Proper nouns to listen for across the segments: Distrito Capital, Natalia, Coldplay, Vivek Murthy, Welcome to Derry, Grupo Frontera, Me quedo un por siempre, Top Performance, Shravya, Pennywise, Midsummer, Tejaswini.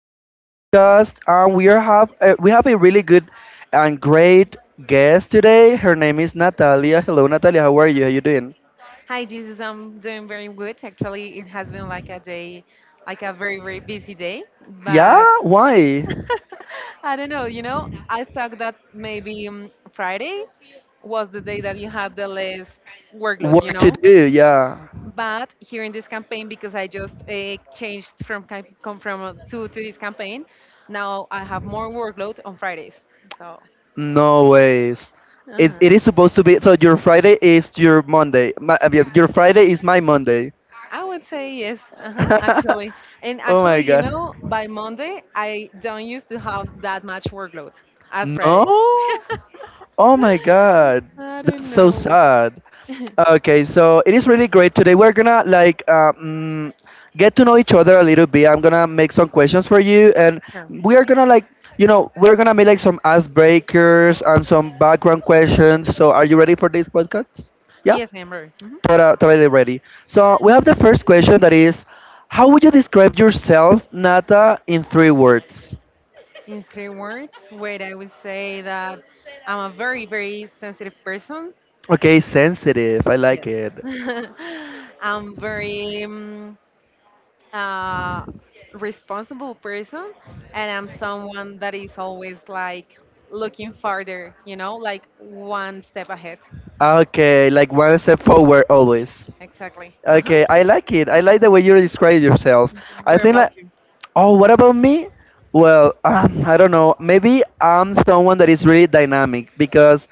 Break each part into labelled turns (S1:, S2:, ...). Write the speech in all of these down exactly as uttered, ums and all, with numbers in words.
S1: David podcast and we are have uh, we have a really good and great guest today. Her name is Natalia. Hello Natalia, how are you? How you doing?
S2: Hi, Jesus. I'm doing very good. Actually, it has been like a day, like a very, very busy day,
S1: Yeah,
S2: but
S1: why?
S2: I don't know. You know, I thought that maybe um, Friday was the day that you had the least workload, you
S1: Work to
S2: know?
S1: do, yeah.
S2: But here in this campaign, because I just uh, changed from cam- come from uh, to, to this campaign, now I have more workload on Fridays. So,
S1: No ways. It, it
S2: uh-huh.
S1: is supposed to be so your Friday is your Monday. My, uh, your your Friday is my Monday.
S2: I would say yes, uh-huh, actually. And
S1: Oh my
S2: actually, you
S1: god.
S2: know, by Monday, I don't used to have that much workload as Friday.
S1: No? Oh my god.
S2: I
S1: That's
S2: don't
S1: so
S2: know.
S1: sad. Okay, so it is really great. Today we're gonna like um, get to know each other a little bit. I'm gonna make some questions for you, and
S2: Sure.
S1: we are gonna like you know we're gonna make like some icebreakers and some background questions. So are you ready for this podcast? Yeah.
S2: Yes, Amber. hmm
S1: Tota- Totally ready. So we have the first question that is, how would you describe yourself, Nata, in three words?
S2: In three words, wait, I would say that I'm a very, very sensitive person.
S1: Okay, sensitive. I like
S2: Yes.
S1: it.
S2: I'm very, mm, a responsible person, and I'm someone that is always like looking farther, you know, like one step ahead.
S1: Okay, like one step forward always.
S2: Exactly. Uh-huh.
S1: Okay, I like it. I like the way you describe yourself. I
S2: Where
S1: think
S2: about
S1: like,
S2: you?
S1: oh, what about me? Well, um, I don't know. Maybe I'm someone that is really dynamic because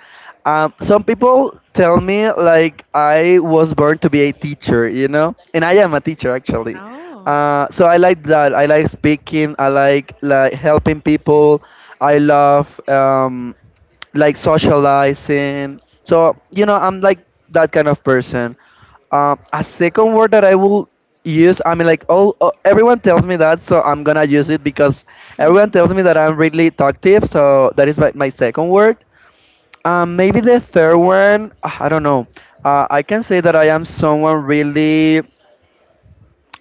S1: um, some people tell me like I was born to be a teacher, you know, and I am a teacher actually.
S2: Oh.
S1: Uh, so I like that. I like speaking. I like like helping people. I love um, like socializing. So you know, I'm like that kind of person. Um, a second word that I will use, I mean, like, all uh, everyone tells me that, so I'm gonna use it because everyone tells me that I'm really talkative, so that is my, my second word. Um, maybe the third one, uh, I don't know. Uh, I can say that I am someone really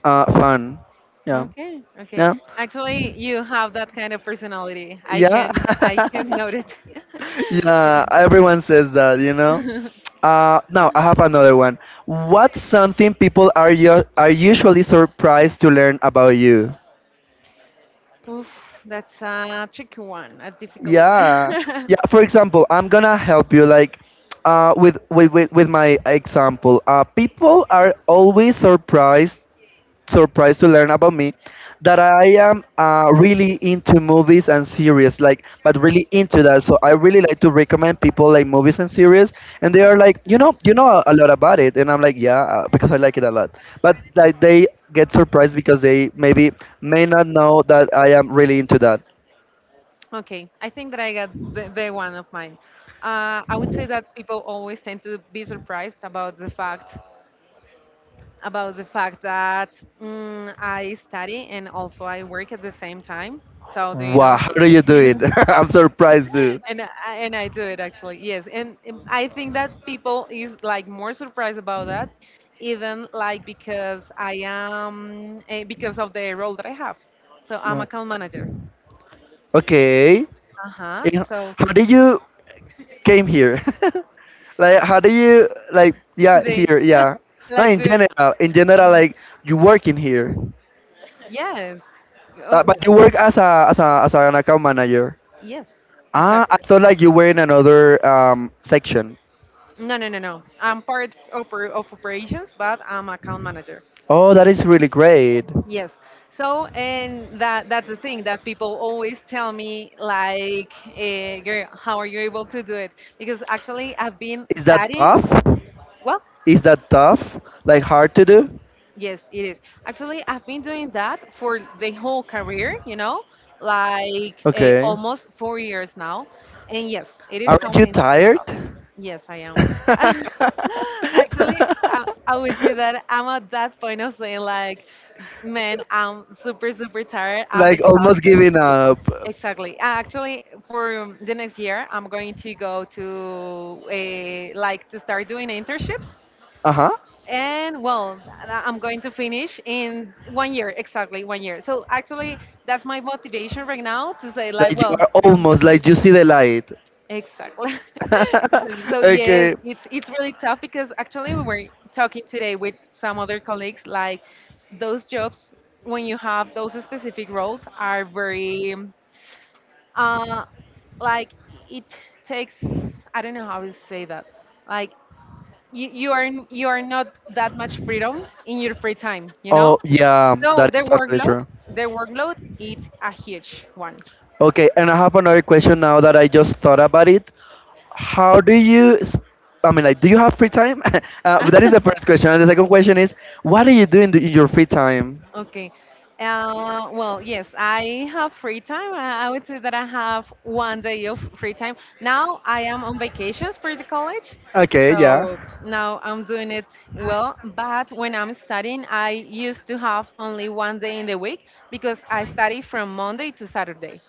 S1: uh, fun. Yeah,
S2: Okay, okay.
S1: yeah,
S2: Actually, you have that kind of personality. I
S1: yeah,
S2: can I can note it.
S1: yeah. Everyone says that, you know. Uh, now I have another one. What's something people are you are usually surprised to learn about you?
S2: Oof, that's a tricky one, a difficult
S1: Yeah.
S2: one.
S1: Yeah, for example, I'm gonna help you like uh with with with, with my example. Uh people are always surprised surprised to learn about me that I am uh really into movies and series like but really into that. So I really like to recommend people like movies and series and they are like, "You know, you know a, a lot about it." And I'm like, "Yeah, uh, because I like it a lot." But like they get surprised because they maybe may not know that I am really into that.
S2: Okay, I think that I got the, the one of mine. Uh, I would say that people always tend to be surprised about the fact about the fact that mm, I study and also I work at the same time. So do you
S1: Wow,
S2: know?
S1: how do you do it? I'm surprised, too.
S2: and I, and I do it actually. Yes, and um, I think that people is like more surprised about that, even like because I am eh, because of the role that I have. So I'm
S1: Mm.
S2: account manager.
S1: Okay.
S2: Uh huh.
S1: Eh,
S2: So
S1: How did you came here? like, how do you like? Yeah,
S2: today,
S1: here. Yeah. No,
S2: like
S1: in
S2: doing.
S1: general, in general, like you work in here,
S2: Yes.
S1: uh,
S2: Uh,
S1: but you work as a as a as an account manager.
S2: yes,
S1: Ah, I
S2: exactly.
S1: thought like you were in another um, section.
S2: No, no, no, no. I'm part oper of operations, but I'm account manager.
S1: Oh, that is really great.
S2: Yes. So, and that that's the thing that people always tell me, like, eh, girl, how are you able to do it? Because actually, I've been
S1: Is that
S2: studying.
S1: tough?
S2: Well,
S1: Is that tough? Like hard to do?
S2: yes, it is. Actually, I've been doing that for the whole career, you know, like eh,
S1: Okay.
S2: almost four years now. And yes, it is
S1: Aren't you
S2: something.
S1: tired?
S2: Yes, I am. Actually, I, I would say that I'm at that point of saying like, man, I'm super, super tired. I'm
S1: like almost
S2: exhausted.
S1: giving up.
S2: Exactly. Uh, Actually, for um, the next year, I'm going to go to a like to start doing internships.
S1: Uh huh.
S2: And well, I- I'm going to finish in one year, exactly one year. So actually, that's my motivation right now to say like,
S1: Like you
S2: well,
S1: are
S2: I'm
S1: almost
S2: just
S1: like you
S2: missing.
S1: see the light.
S2: Exactly. Exactly. So yes,
S1: okay.
S2: it's it's really tough because actually we were talking today with some other colleagues like those jobs when you have those specific roles are very uh like it takes. I don't know how to say that. Like you, you are you are not that much freedom in your free time, you
S1: Oh,
S2: know?
S1: yeah,
S2: So
S1: that is
S2: their
S1: totally
S2: workload,
S1: true.
S2: their workload it's a huge one.
S1: Okay, and I have another question now that I just thought about it. How do you, s- I mean, like, do you have free time? uh, but that is the first question. And the second question is, what do you do in, the, in your free time?
S2: Okay. Uh, well, yes, I have free time. I, I would say that I have one day of free time. Now I am on vacations for the college,
S1: Okay, yeah.
S2: so now I'm doing it well. But when I'm studying, I used to have only one day in the week because I study from Monday to Saturday.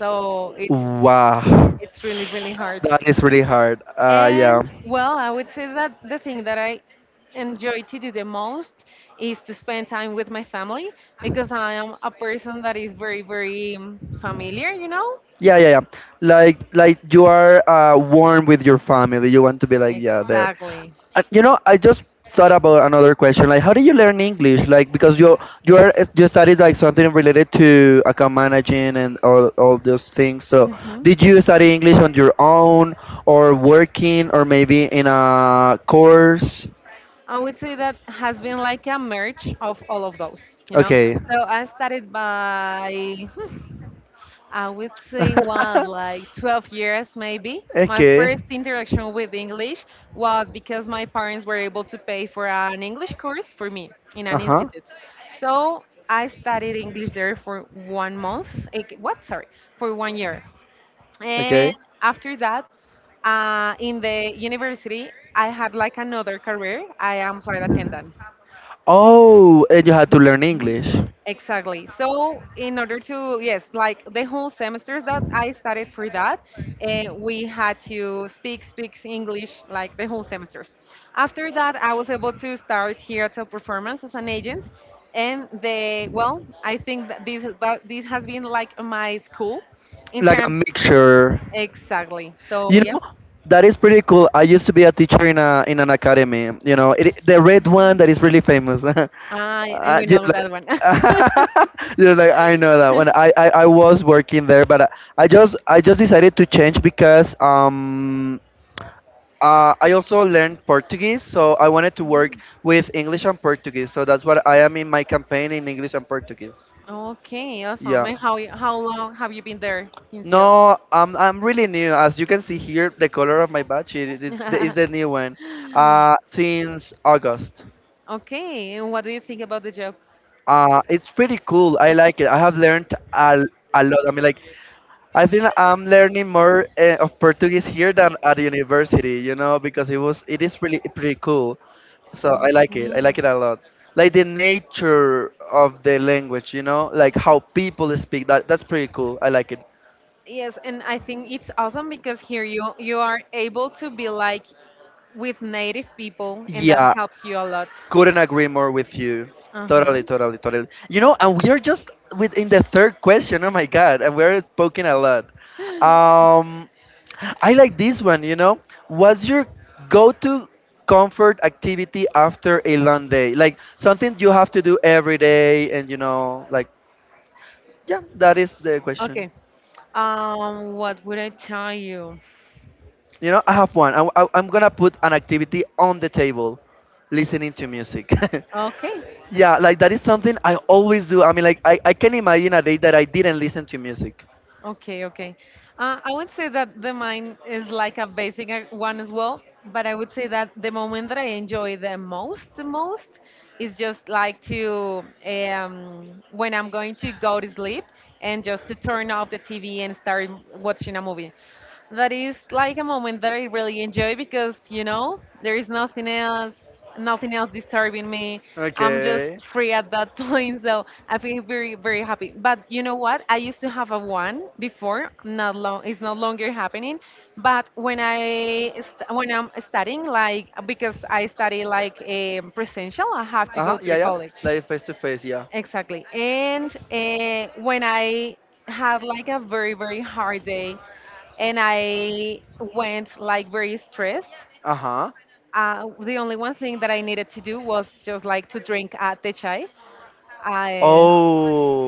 S2: So it's
S1: Wow,
S2: it's really, really hard.
S1: that is really hard. Uh, yeah.
S2: And well, I would say that the thing that I enjoy to do the most is to spend time with my family because I am a person that is very, very um, familiar, you know?
S1: Yeah, yeah, yeah. Like like you are uh, warm with your family. You want to be like yeah there.
S2: Exactly.
S1: Uh, you know, I just thought about another question. Like, how do you learn English? Like because you you are eh, you studied like something related to account managing and all all those things. So
S2: hmm
S1: did you study English on your own or working or maybe in a course?
S2: I would say that has been like a merge of all of those, you know?
S1: Okay.
S2: So I started by, I would say, what, like twelve years maybe. My
S1: okay.
S2: first interaction with English was because my parents were able to pay for an English course for me in
S1: Uh
S2: an
S1: huh.
S2: institute. So I studied English there for one month. eh, What? Sorry, for one year. And
S1: Okay.
S2: after that, uh, in the university, I had like another career. I am flight attendant.
S1: Oh, and you had to learn English,
S2: Exactly. So, in order to, yes, like the whole semesters that I studied for that, uh, we had to speak, speak English like the whole semesters. After that, I was able to start here at Top Performance as an agent. And they, well, I think that this, has- that this has been like my school in
S1: like a
S2: terms,
S1: mixture.
S2: exactly. So,
S1: You
S2: yeah,
S1: know, that is pretty cool. I used to be a teacher in a in an academy. You know, it, the red one that is really famous. uh,
S2: I, I we
S1: yeah,
S2: know
S1: like,
S2: that one.
S1: you're like I know that one. I, I I was working there, but I, I just I just decided to change because um. Uh, I also learned Portuguese, so I wanted to work with English and Portuguese. So that's what I am in my campaign in English and Portuguese.
S2: Okay, awesome.
S1: Yeah.
S2: And how, how long have you been there, Cincio?
S1: No, I'm I'm really new. As you can see here, the color of my badge it, it's the, it's the new one. Uh, since August.
S2: Okay, and what do you think about the job?
S1: Uh, it's pretty cool. I like it. I have learned a, a lot. I mean, like, I think I'm learning more uh, of Portuguese here than at university. You know, because it was it is really pretty cool. So I like it. I like
S2: Okay.
S1: it a lot. Like the nature of the language. You know, like how people speak. That that's pretty cool. I like it.
S2: Yes, and I think it's awesome because here you you are able to be like with native people, and that
S1: Yeah,
S2: helps you a lot.
S1: couldn't agree more with you.
S2: Uh huh.
S1: Totally, totally, totally. You know, and we are just within the third question. Oh my god, and we're spoken a lot. Um, I like this one. You know, what's your go-to comfort activity after a long day? Like something you have to do every day, and you know, like yeah, that is the question.
S2: Okay. Um, what would I tell you?
S1: You know, I have one. I, I, I'm gonna put an activity on the table, listening to music.
S2: Okay.
S1: yeah, like that is something I always do. I mean, like I, I can imagine a day that I didn't listen to music.
S2: Okay, okay. Uh, I would say that the mine is like a basic uh, one as well, but I would say that the moment that I enjoy the most, the most is just like to um, when I'm going to go to sleep and just to turn off the T V and start watching a movie that is like a moment that I really enjoy because you know there is nothing else, nothing else disturbing me. I'm
S1: Okay.
S2: just free at that point, so I feel very, very happy. But you know what? I used to have a one before. Not long, it's no longer happening. But when I st- when I'm studying, like because I study like a presential, I have to
S1: Uh
S2: go
S1: huh.
S2: to the
S1: Yeah, yeah.
S2: college.
S1: Like face to face. Yeah.
S2: Exactly. And uh, when I had like a very, very hard day and I went like very stressed.
S1: Uh huh.
S2: Uh, the only one thing that I needed to do was just like to drink uh, the chai. I,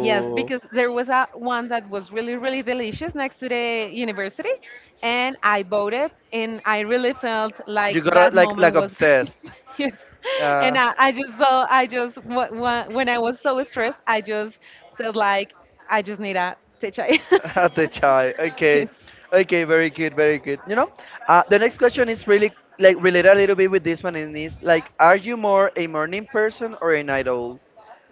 S2: yes, because there was a one that was really really delicious next to the university, and I bought it, and I really felt like
S1: you
S2: that
S1: got like
S2: moment
S1: like
S2: was great.
S1: obsessed.
S2: Yes, and
S1: Uh,
S2: I, I just saw I just wh- wh- when I was so stressed, I just felt like I just need a te chai.
S1: at the child. Okay,
S2: yes.
S1: okay, very good, very good. You know, uh, the next question is really like related a little bit with this one, and is like, are you more a morning person or a night owl?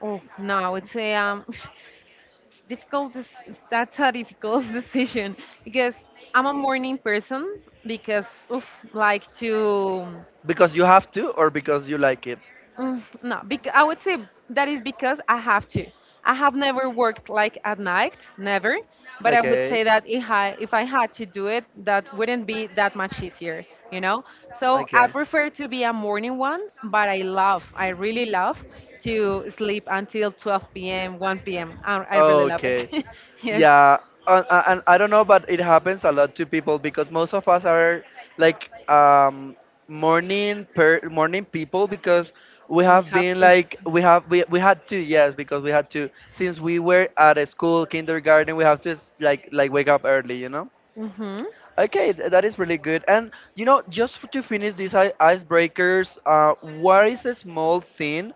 S2: Oh no, it's a um, it's difficult. dec- That's a difficult decision because I'm a morning person because oof, like to.
S1: Because you have to, or because you like it?
S2: Mm, no, because I would say that is because I have to. I have never worked like at night, never. But I would say
S1: Okay.
S2: that if I if I had to do it, that wouldn't be that much easier, you know. So I
S1: Okay.
S2: prefer to be a morning one, but I love, I really love to sleep until twelve p m, one p m. I I really love it.
S1: Okay.
S2: yes.
S1: Yeah, and, and I don't know, but it happens a lot to people because most of us are like um, morning per morning people because we
S2: We
S1: have
S2: have
S1: been
S2: to.
S1: like we have we, we had to yes because we had to since we were at a school kindergarten we have to s- like like wake up early you know.
S2: Mm-hmm.
S1: Okay, th- that is really good. And you know, just f- to finish these i- icebreakers, uh, what is a small thing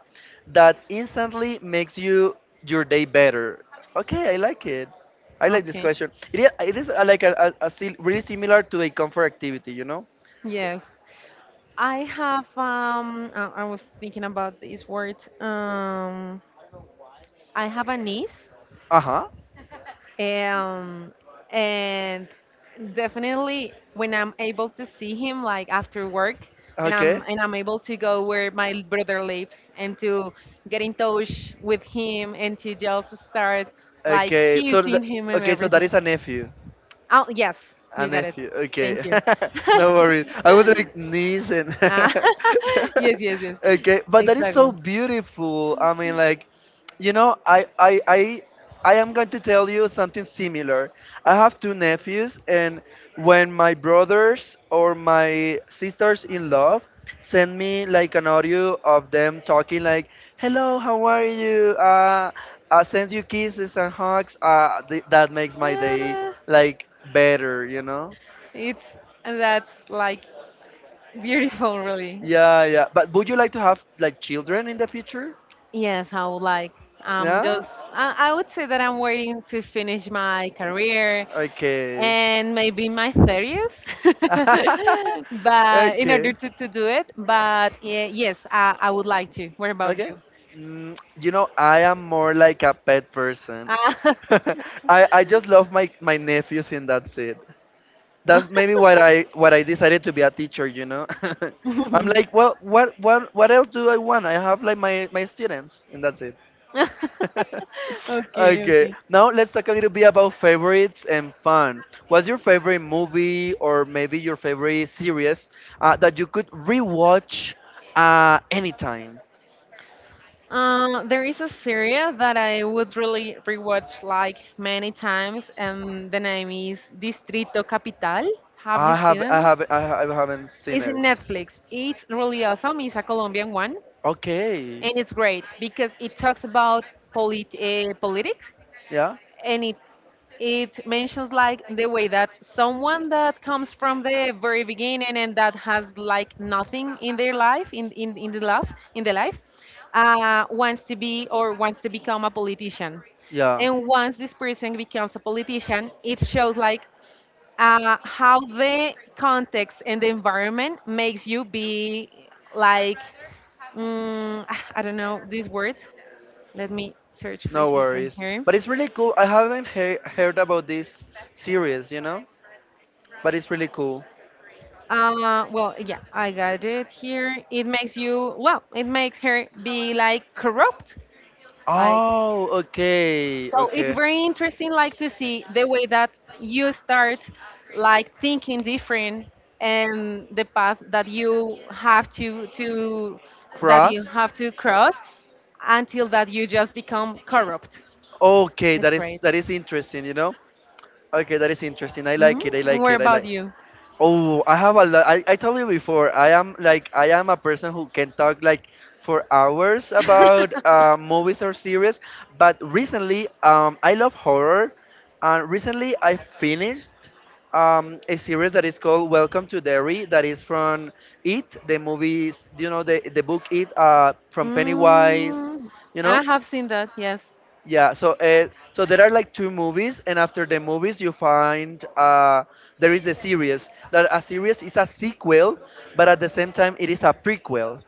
S1: that instantly makes you your day better? Okay, I like it. I like this
S2: Okay.
S1: question. It is, it is uh, like a, a, a sil- really similar to a comfort activity, you know?
S2: Yes. I have um I, I was thinking about this word. Um I have a niece.
S1: Uh huh.
S2: Um, and definitely when I'm able to see him like after work, and I'm
S1: Okay.
S2: and I'm able to go where my brother lives and to get in touch with him and to just start like
S1: Okay. So th-
S2: kissing him and
S1: okay, so that
S2: everything.
S1: is a nephew.
S2: Oh yes,
S1: A
S2: you got it.
S1: nephew.
S2: Thank
S1: Okay.
S2: you.
S1: no worries. I was like niece and
S2: Ah, yes, yes, yes.
S1: okay, but that is so
S2: Exactly.
S1: beautiful. I mean, like, you know, I I I. I am going to tell you something similar. I have two nephews, and when my brothers or my sisters in love send me like an audio of them talking, like, "Hello, how are you? Uh, I sends you kisses and hugs. Uh, th- that makes my day
S2: Uh,
S1: like better, you know.
S2: It's that's like beautiful, really.
S1: Yeah, yeah. But would you like to have like children in the future?
S2: Yes, I would like. Um,
S1: Yeah.
S2: just I, I would say that I'm waiting to finish my career
S1: Okay.
S2: and maybe my thirties, but in
S1: okay.
S2: order to, to do it. But yeah, yes, I, I would like to. What about
S1: Okay.
S2: you?
S1: Mm, you know, I am more like a pet person. I I just love my my nephews and that's it. That's maybe what I what I decided to be a teacher. You know. I'm
S2: Uh,
S1: like, well, what what what else do I want? I have like my my students and that's it.
S2: okay,
S1: okay,
S2: okay.
S1: now let's talk a little bit about favorites and fun. What's your favorite movie or maybe your favorite series uh, that you could rewatch uh, anytime?
S2: Uh, there is a series that I would really rewatch like many times, and the name is Distrito Capital. Have you
S1: I
S2: seen
S1: have, I
S2: it?
S1: have, I, ha- I haven't seen
S2: It's in
S1: it.
S2: Netflix. It's really awesome. It's a Colombian one,
S1: Okay,
S2: and it's great because it talks about polit- uh, politics,
S1: yeah,
S2: and it it mentions like the way that someone that comes from the very beginning and that has like nothing in their life in in, in the life in the life uh, wants to be or wants to become a politician,
S1: yeah.
S2: and once this person becomes a politician, it shows like uh, how the context and the environment makes you be like mm, I don't know this word. Let me search for
S1: No
S2: this one
S1: worries.
S2: here.
S1: But it's really cool. I haven't he- heard about this series, you know? But it's really cool.
S2: Uh, well, yeah, I got it here. It makes you, well, it makes her be like corrupt. Like,
S1: Oh, okay,
S2: so it's
S1: okay.
S2: very interesting, like, to see the way that you start, like, thinking different, and the path that you have to, to, that you
S1: Cross.
S2: have to cross until that you just become corrupt.
S1: Okay,
S2: It's
S1: that is
S2: great.
S1: that is interesting, you know? Okay, that is interesting. I
S2: hmm
S1: like it. I like
S2: What
S1: it. I
S2: about
S1: like
S2: you?
S1: oh, I have a lot. I, I told you before, I am like I am a person who can talk like for hours about uh, movies or series. But recently, um, I love horror, and recently I finished um, a series that is called Welcome to Derry. That is from It, the movies, you know, the the book It, uh, from Pennywise,
S2: Mm,
S1: you know.
S2: I have seen that, yes.
S1: Yeah, so uh, so there are like two movies, and after the movies, you find uh, there is a series. That a series is a sequel, but at the same time, it is a prequel.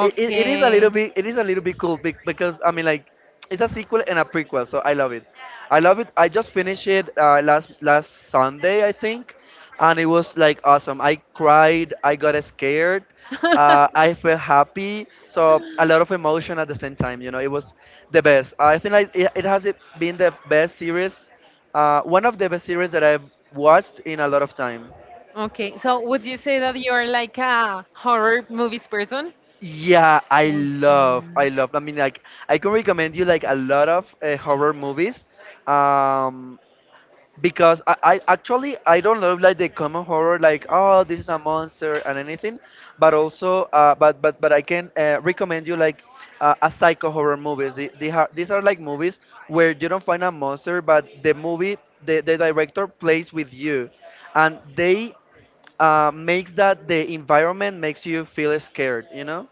S1: it, it, it is a little bit it is a little bit cool be- because I mean like it's a sequel and a prequel, so I love it. I love it. I just finished it uh, last last Sunday, I think, and it was like awesome. I cried, I got scared, uh, I felt happy, so a lot of emotion at the same time. You know, it was the best. I think like it, it has been the best series, uh, one of the best series that I've watched in a lot of time.
S2: Okay, so would you say that you're like a horror movies person?
S1: Yeah, I love, I love. I mean, like, I can recommend you like a lot of uh, horror movies, um, because I, I actually I don't love like the common horror, like oh this is a monster and anything, but also, uh, but but but I can uh, recommend you like uh, a psycho horror movies. The- the ha- These are like movies where you don't find a monster, but the movie the, the director plays with you, and they uh, makes that the environment makes you feel scared, you know.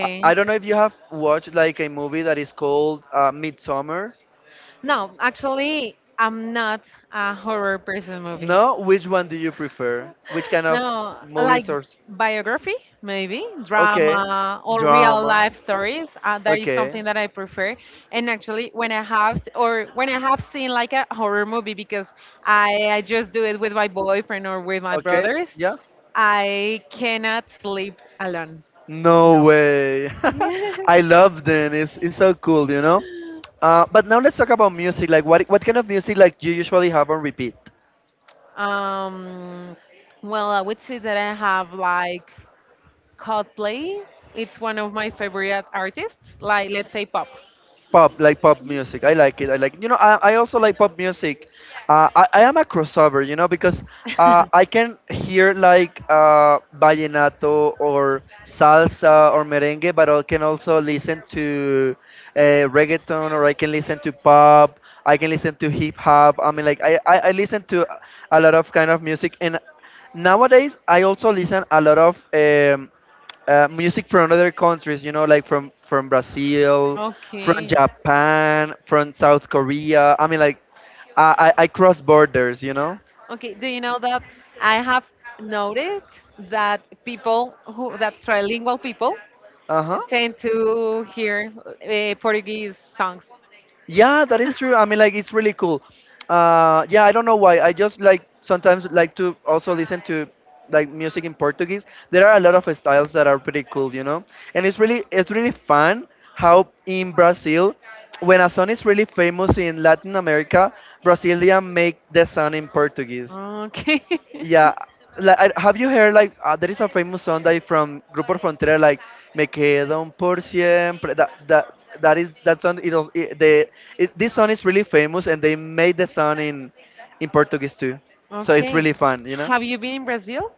S1: I I
S2: Okay.
S1: don't know if you have watched like a movie that is called uh, Midsummer.
S2: No, actually, I'm not a horror person movie.
S1: No, which one do you prefer? Which kind of
S2: No, like
S1: movies or? s-
S2: biography, maybe
S1: Okay,
S2: drama or real
S1: drama.
S2: life stories. Uh, that is
S1: Okay,
S2: something that I prefer. And actually, when I have or when I have seen like a horror movie, because I, I just do it with my boyfriend or with my
S1: okay,
S2: brothers,
S1: yeah.
S2: I cannot sleep alone.
S1: No
S2: No.
S1: way.
S2: Yes.
S1: I love them. It's it's so cool, you know. Uh, but now let's talk about music. Like, what what kind of music like you usually have on repeat?
S2: Um, well, I would say that I have like Coldplay. It's one of my favorite artists, like let's say pop.
S1: Pop, like pop music. I like it. I like. You know, I I also like pop music. Uh, I, I am a crossover, you know, because uh, I can hear like uh, vallenato or salsa or merengue, but I can also listen to uh, reggaeton or I can listen to pop. I can listen to hip hop. I mean, like I, I, I listen to a lot of kind of music, and nowadays I also listen a lot of um, uh, music from other countries. You know, like from from Brazil, from
S2: Okay.
S1: Japan, from South Korea. I mean, like. I, I I cross borders, you know?
S2: Okay. Do you know that I have noticed that people who that trilingual people
S1: Uh huh.
S2: tend to hear uh, Portuguese songs.
S1: Yeah, that is true. I mean, like, it's really cool. Uh, yeah, I don't know why. I just like sometimes like to also listen to like music in Portuguese. There are a lot of styles that are pretty cool, you know. And it's really it's really fun how in Brazil, when a song is really famous in Latin America, Brazilian make the song in Portuguese.
S2: Okay.
S1: Yeah, like, I- have you heard like uh, there is a famous song that is from Grupo Frontera like "Me quedo un por siempre." That that that is that song. It, was- it the it, this song is really famous, and they made the song in in Portuguese too, so it's
S2: Okay.
S1: really fun, you know.
S2: Have you been in Brazil?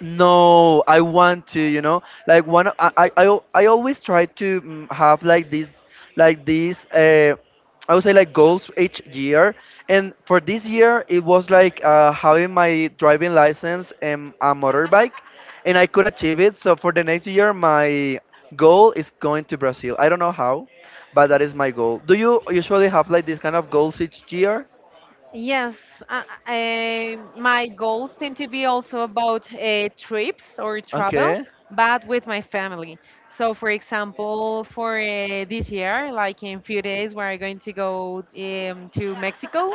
S1: No, I want to, you know, like one. I I I, al- I always try to mm, have like this, like this. Uh, I would say like goals each year. And for this year, it was like uh, having my driving license and a motorbike, and I could achieve it. So for the next year, my goal is going to Brazil. I don't know how, but that is my goal. Do you usually have like this kind of goals each year?
S2: Yes, uh, uh, my goals tend to be also about uh, trips or
S1: Okay.
S2: travels, but with my family. So, for example, for uh, this year, like in few days, we're going to go um, to Mexico.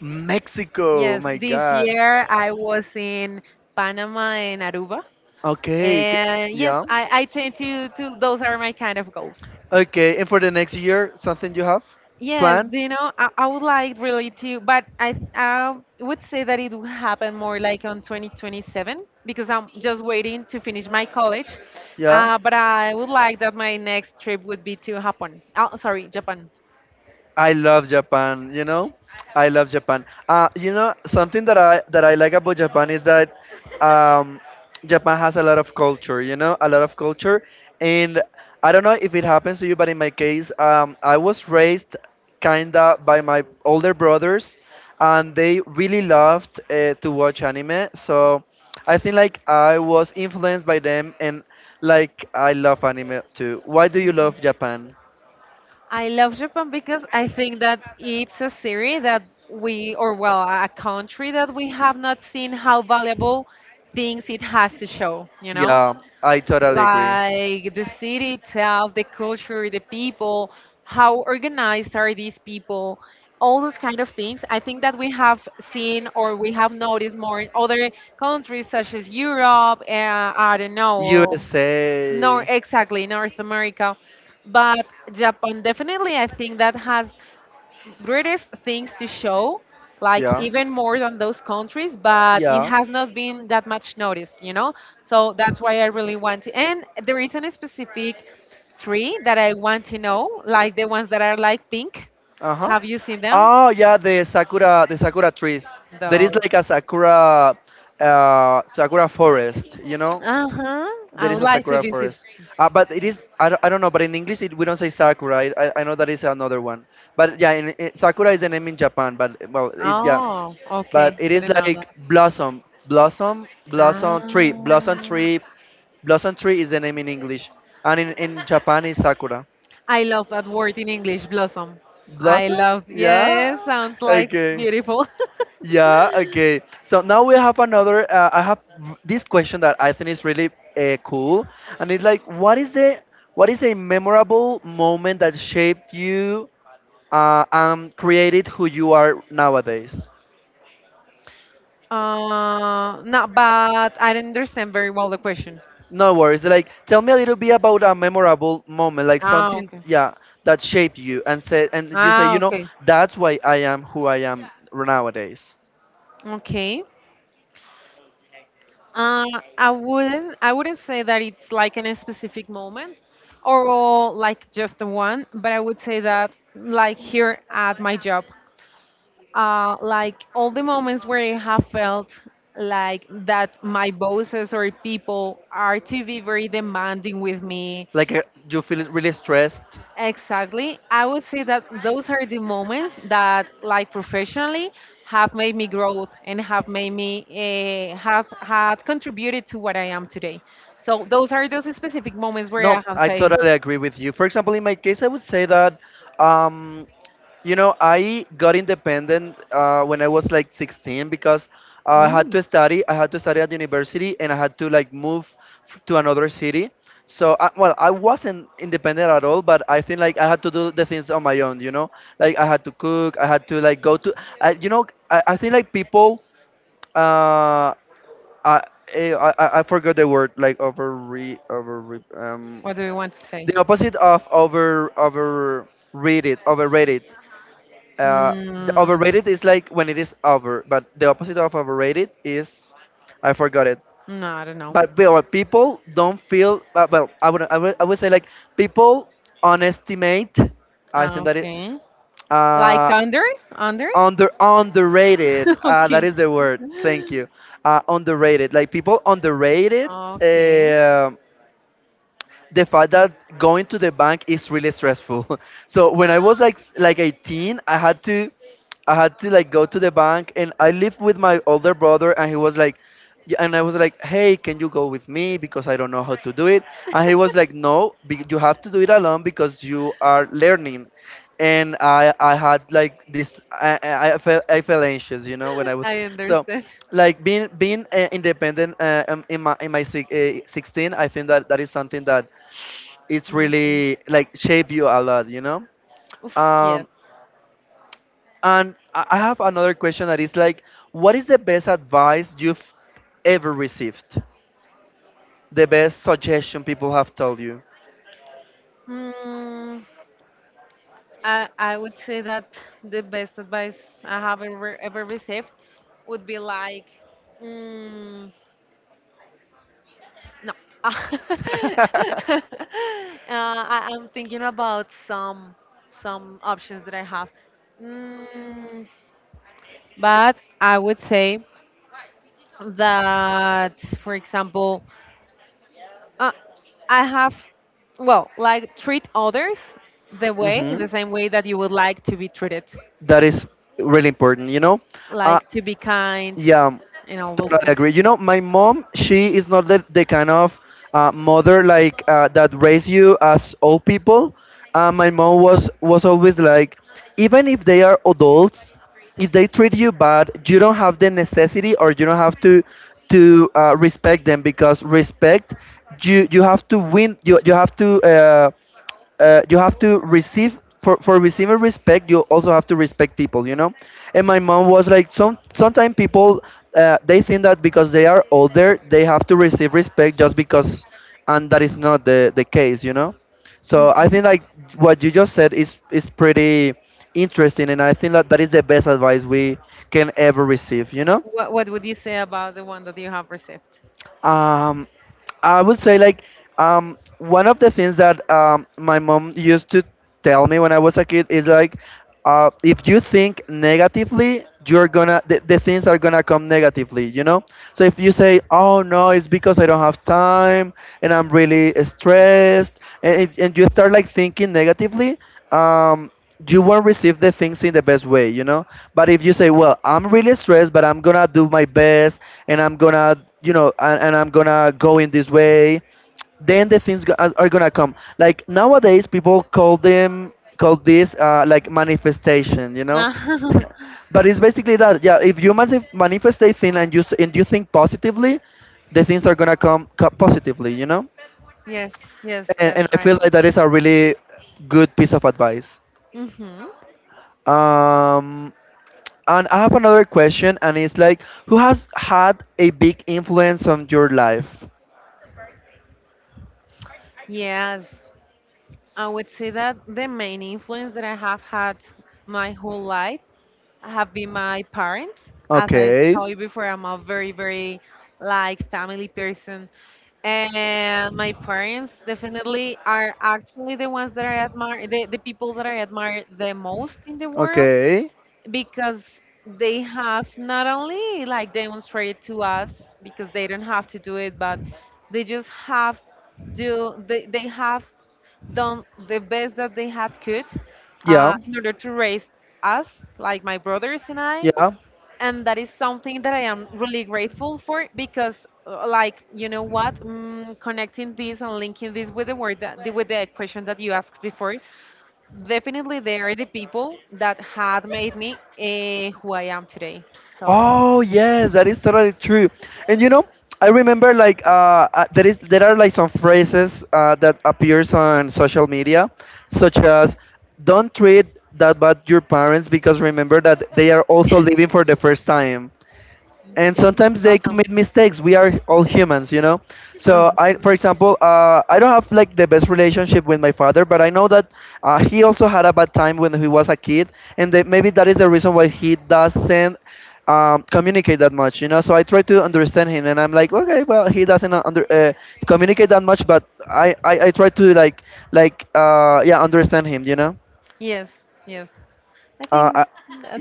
S1: Mexico. Oh
S2: Yes,
S1: my
S2: this
S1: God.
S2: year I was in Panama and Aruba.
S1: Okay. c-
S2: And yes,
S1: Yeah.
S2: I, I tend to, to, those are my kind of goals.
S1: Okay. And for the next year, something you have
S2: Yes,
S1: plan?
S2: do you know, I, I would like really to, but I, I would say that it will happen more like on twenty twenty-seven because I'm just waiting to finish my college.
S1: Yeah.
S2: Uh, but I would like that my next trip would be to Japan. Oh, sorry, Japan.
S1: I love Japan, you know? I love Japan. Uh, you know, something that I that I like about Japan is that um, Japan has a lot of culture, you know, a lot of culture. And I don't know if it happens to you, but in my case, um, I was raised kinda by my older brothers, and they really loved uh, to watch anime. So I think like I was influenced by them, and like I love anime too. Why do you love Japan?
S2: I love Japan because I think that it's a series that we, or well, a country that we have not seen how valuable things it has to show, you know?
S1: Yeah, I totally agree.
S2: Like the city itself, the culture, the people, how organized are these people, all those kind of things. I think that we have seen or we have noticed more in other countries such as Europe, uh, I don't know,
S1: U S A.
S2: nor exactly North America, but Japan definitely I think that has greatest things to show, like
S1: Yeah.
S2: even more than those countries, but it
S1: Yeah.
S2: has not been that much noticed, you know? So that's why I really want to. And there is a specific tree that I want to know, like the ones that are like pink.
S1: Uh-huh.
S2: Have you seen them?
S1: Oh yeah, the sakura, the sakura trees. There is
S2: Those.
S1: like a sakura, uh, sakura forest, you know?
S2: Uh huh.
S1: There
S2: I
S1: is
S2: would
S1: a
S2: like to
S1: sakura
S2: visit.
S1: forest. Uh, but it is, I don't, I don't know, but in English it, we don't say sakura. I, I I know that is another one. But yeah, in, in- sakura is the name in Japan, but well, it, yeah.
S2: Oh,
S1: But
S2: okay.
S1: it is
S2: Didn't know
S1: like
S2: that.
S1: blossom, blossom,
S2: Ah.
S1: blossom tree, blossom tree, blossom tree is the name in English. And in, in Japan is sakura.
S2: I love that word in English, blossom. I
S1: Blossom?
S2: love,
S1: Yeah.
S2: yes, sounds like
S1: Okay.
S2: beautiful.
S1: Yeah, okay. So now we have another. Uh, I have v- this question that I think is really uh, cool, and it's like, what is the what is a memorable moment that shaped you uh, and created who you are nowadays?
S2: uh, no, but I don't understand very well the question.
S1: No worries. Like, tell me a little bit about a memorable moment, like
S2: Ah,
S1: something,
S2: okay.
S1: yeah, that shaped you, and said, and you say,
S2: Ah,
S1: you know,
S2: okay.
S1: that's why I am who I am nowadays.
S2: Okay. Uh, I wouldn't I wouldn't say that it's like in a specific moment or like just the one, but I would say that like here at my job. Uh, like all the moments where I have felt like that my bosses or people are to be very demanding with me.
S1: Like, uh, you feel really stressed.
S2: Exactly. I would say that those are the moments that, like professionally, have made me grow and have made me uh, have had contributed to what I am today. So those are those specific moments where
S1: No,
S2: I have
S1: I
S2: say,
S1: totally agree with you. For example, in my case, I would say that, um, you know, I got independent uh, when I was like sixteen because I had
S2: "Mm,
S1: to study. I had to study at university and I had to like move f- to another city. So, I, well, I wasn't independent at all, but I think like I had to do the things on my own, you know? Like I had to cook, I had to like go to, I, you know, I, I think like people, uh, I, eh, I, I I forgot the word, like over, re, over, um,
S2: what do we want to say?
S1: the opposite of over overrated, overrated. Uh, the
S2: Mm,
S1: overrated is like when it is over, but the opposite of overrated is I forgot it.
S2: no, I don't know.
S1: But well, people don't feel uh, well. I would, I would I would say like people underestimate. I
S2: Ah,
S1: think that it
S2: okay. Like
S1: uh,
S2: under? Under?
S1: under underrated. Uh, that
S2: okay.
S1: is the word. Thank you. Uh, underrated. Like people underrated.
S2: Okay.
S1: Um, the fact that going to the bank is really stressful. So when I was like like eighteen, I had to I had to like go to the bank and I lived with my older brother and he was like yeah, and I was like, "Hey, can you go with me because I don't know how to do it?" And he was like, "No, be- you have to do it alone because you are learning." And I I had like this I I I felt I felt anxious, you know, when I was
S2: I
S1: so
S2: understand.
S1: like being being uh, independent uh, um, in my in my si- uh, sixteen, I think that that is something that it's
S2: Okay.
S1: really like shape you a lot, you know.
S2: Oof, yes.
S1: Um, and i I have another question that is like, what is the best advice you've ever received, the best suggestion people have told you.
S2: Mm, I, I would say that the best advice I have ever, ever received would be like, mm, no. uh, I, I'm thinking about some some options that I have. Mm, but I would say that, for example, uh, I have, well, like treat others the way, in
S1: Hmm.
S2: the same way that you would like to be treated.
S1: That is really important, you know? Uh,
S2: Like to be kind
S1: yeah, um,
S2: and all those
S1: totally
S2: things.
S1: agree. You know, my mom, she is not the, the kind of uh, mother like uh, that raise you as old people. Uh, my mom was, was always like, even if they are adults, if they treat you bad, you don't have the necessity or you don't have to to uh, respect them, because respect you you have to win you you have to uh, uh, you have to receive for for receiving respect, you also have to respect people, you know. And my mom was like, some sometimes people uh, they think that because they are older they have to receive respect just because, and that is not the the case, you know. So I
S2: Hmm.
S1: think like what you just said is is pretty interesting, and I think that that is the best advice we can ever receive, you know.
S2: What What would you say about the one that you have received?
S1: Um, I would say like um, one of the things that um, my mom used to tell me when I was a kid is like uh, if you think negatively, you're gonna the, the things are gonna come negatively, you know. So if you say, "Oh no, it's because I don't have time and I'm really stressed," and, if, and you start like thinking negatively, um, you won't receive the things in the best way, you know? But if you say, well, I'm really stressed, but I'm gonna do my best and I'm gonna, you know, and, and I'm gonna go in this way, then the things go- are are gonna come. Like nowadays, people call them, call this uh, like manifestation, you know? But it's basically that, yeah, if you manif- manifest a thing and you, s- and you think positively, the things are gonna come, come positively, you know?
S2: Yes, yes,
S1: And, and
S2: that's
S1: I
S2: right.
S1: feel like that is a really good piece of advice.
S2: Hmm.
S1: Um, And I have another question, and it's like, who has had a big influence on your life?
S2: Yes, I would say that the main influence that I have had my whole life have been my parents. As I
S1: Okay.
S2: told you before, I'm a very, very like family person, and my parents definitely are actually the ones that I admire, the, the people that I admire the most in the world
S1: Okay.
S2: because they have not only like demonstrated to us because they don't have to do it but they just have do they, they have done the best that they had could uh,
S1: Yeah.
S2: in order to raise us like my brothers and I
S1: Yeah.
S2: and that is something that I am really grateful for because uh, like you know what mm, connecting this and linking this with the word that with the question that you asked before. Definitely, they are the people that had made me uh, who I am today. So
S1: Oh yes, that is totally true. And you know, I remember like uh, uh, there is there are like some phrases uh, that appears on social media, such as "Don't treat that bad your parents because remember that they are also
S2: yes.
S1: living for the first time." And sometimes they
S2: Awesome.
S1: commit mistakes, we are all humans, you know. So I,
S2: Uh-huh.
S1: for example, uh, I don't have like the best relationship with my father, but I know that uh, he also had a bad time when he was a kid, and that maybe that is the reason why he doesn't um, communicate that much, you know. So I try to understand him and I'm like, okay, well, he doesn't uh, under uh, communicate that much, but i i, I try to like like uh, yeah, understand him, you know.
S2: Yes, yes. I
S1: uh, I,
S2: think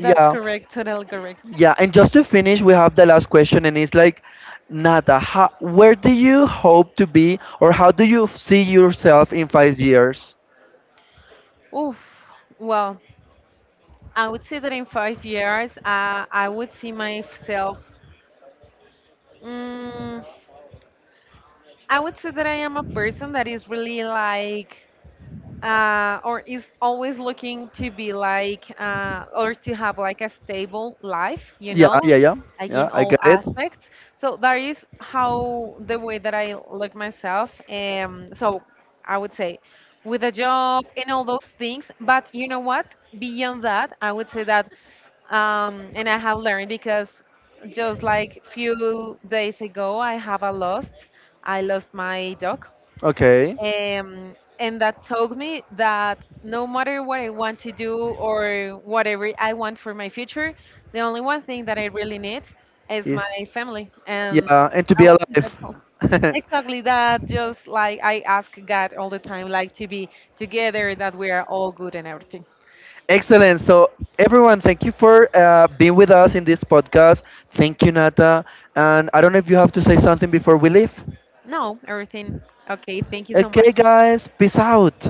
S2: that's correct, totally correct.
S1: yeah, and just to finish, we have the last question, and it's like, Nata, how, where do you hope to be, or how do you see yourself in five years?
S2: Oof. Well, I would say that in five years, uh, I would see myself. Mm, I would say that I am a person that is really like uh, or is always looking to be like uh, or to have like a stable life, you
S1: Yeah,
S2: know,
S1: yeah, yeah,
S2: like
S1: yeah,
S2: in
S1: I
S2: all
S1: get it.
S2: aspects, so that is how the way that I look myself um so I would say with a job and all those things, but you know what, beyond that, I would say that um, and I have learned because just like few days ago, I have a lost. I lost my dog.
S1: Okay.
S2: Um, and that told me that no matter what I want to do or whatever I want for my future, the only one thing that I really need is
S1: Yes.
S2: my family. And
S1: Yeah, and to
S2: I
S1: be
S2: would say that's
S1: alive.
S2: all. Exactly that. Just like I ask God all the time, like to be together, that we are all good and everything.
S1: Excellent. So, everyone, thank you for uh, being with us in this podcast. Thank you, Nata. And I don't know if you have to say something before we leave.
S2: No, everything. Okay, thank you so
S1: Okay,
S2: much.
S1: guys, peace out.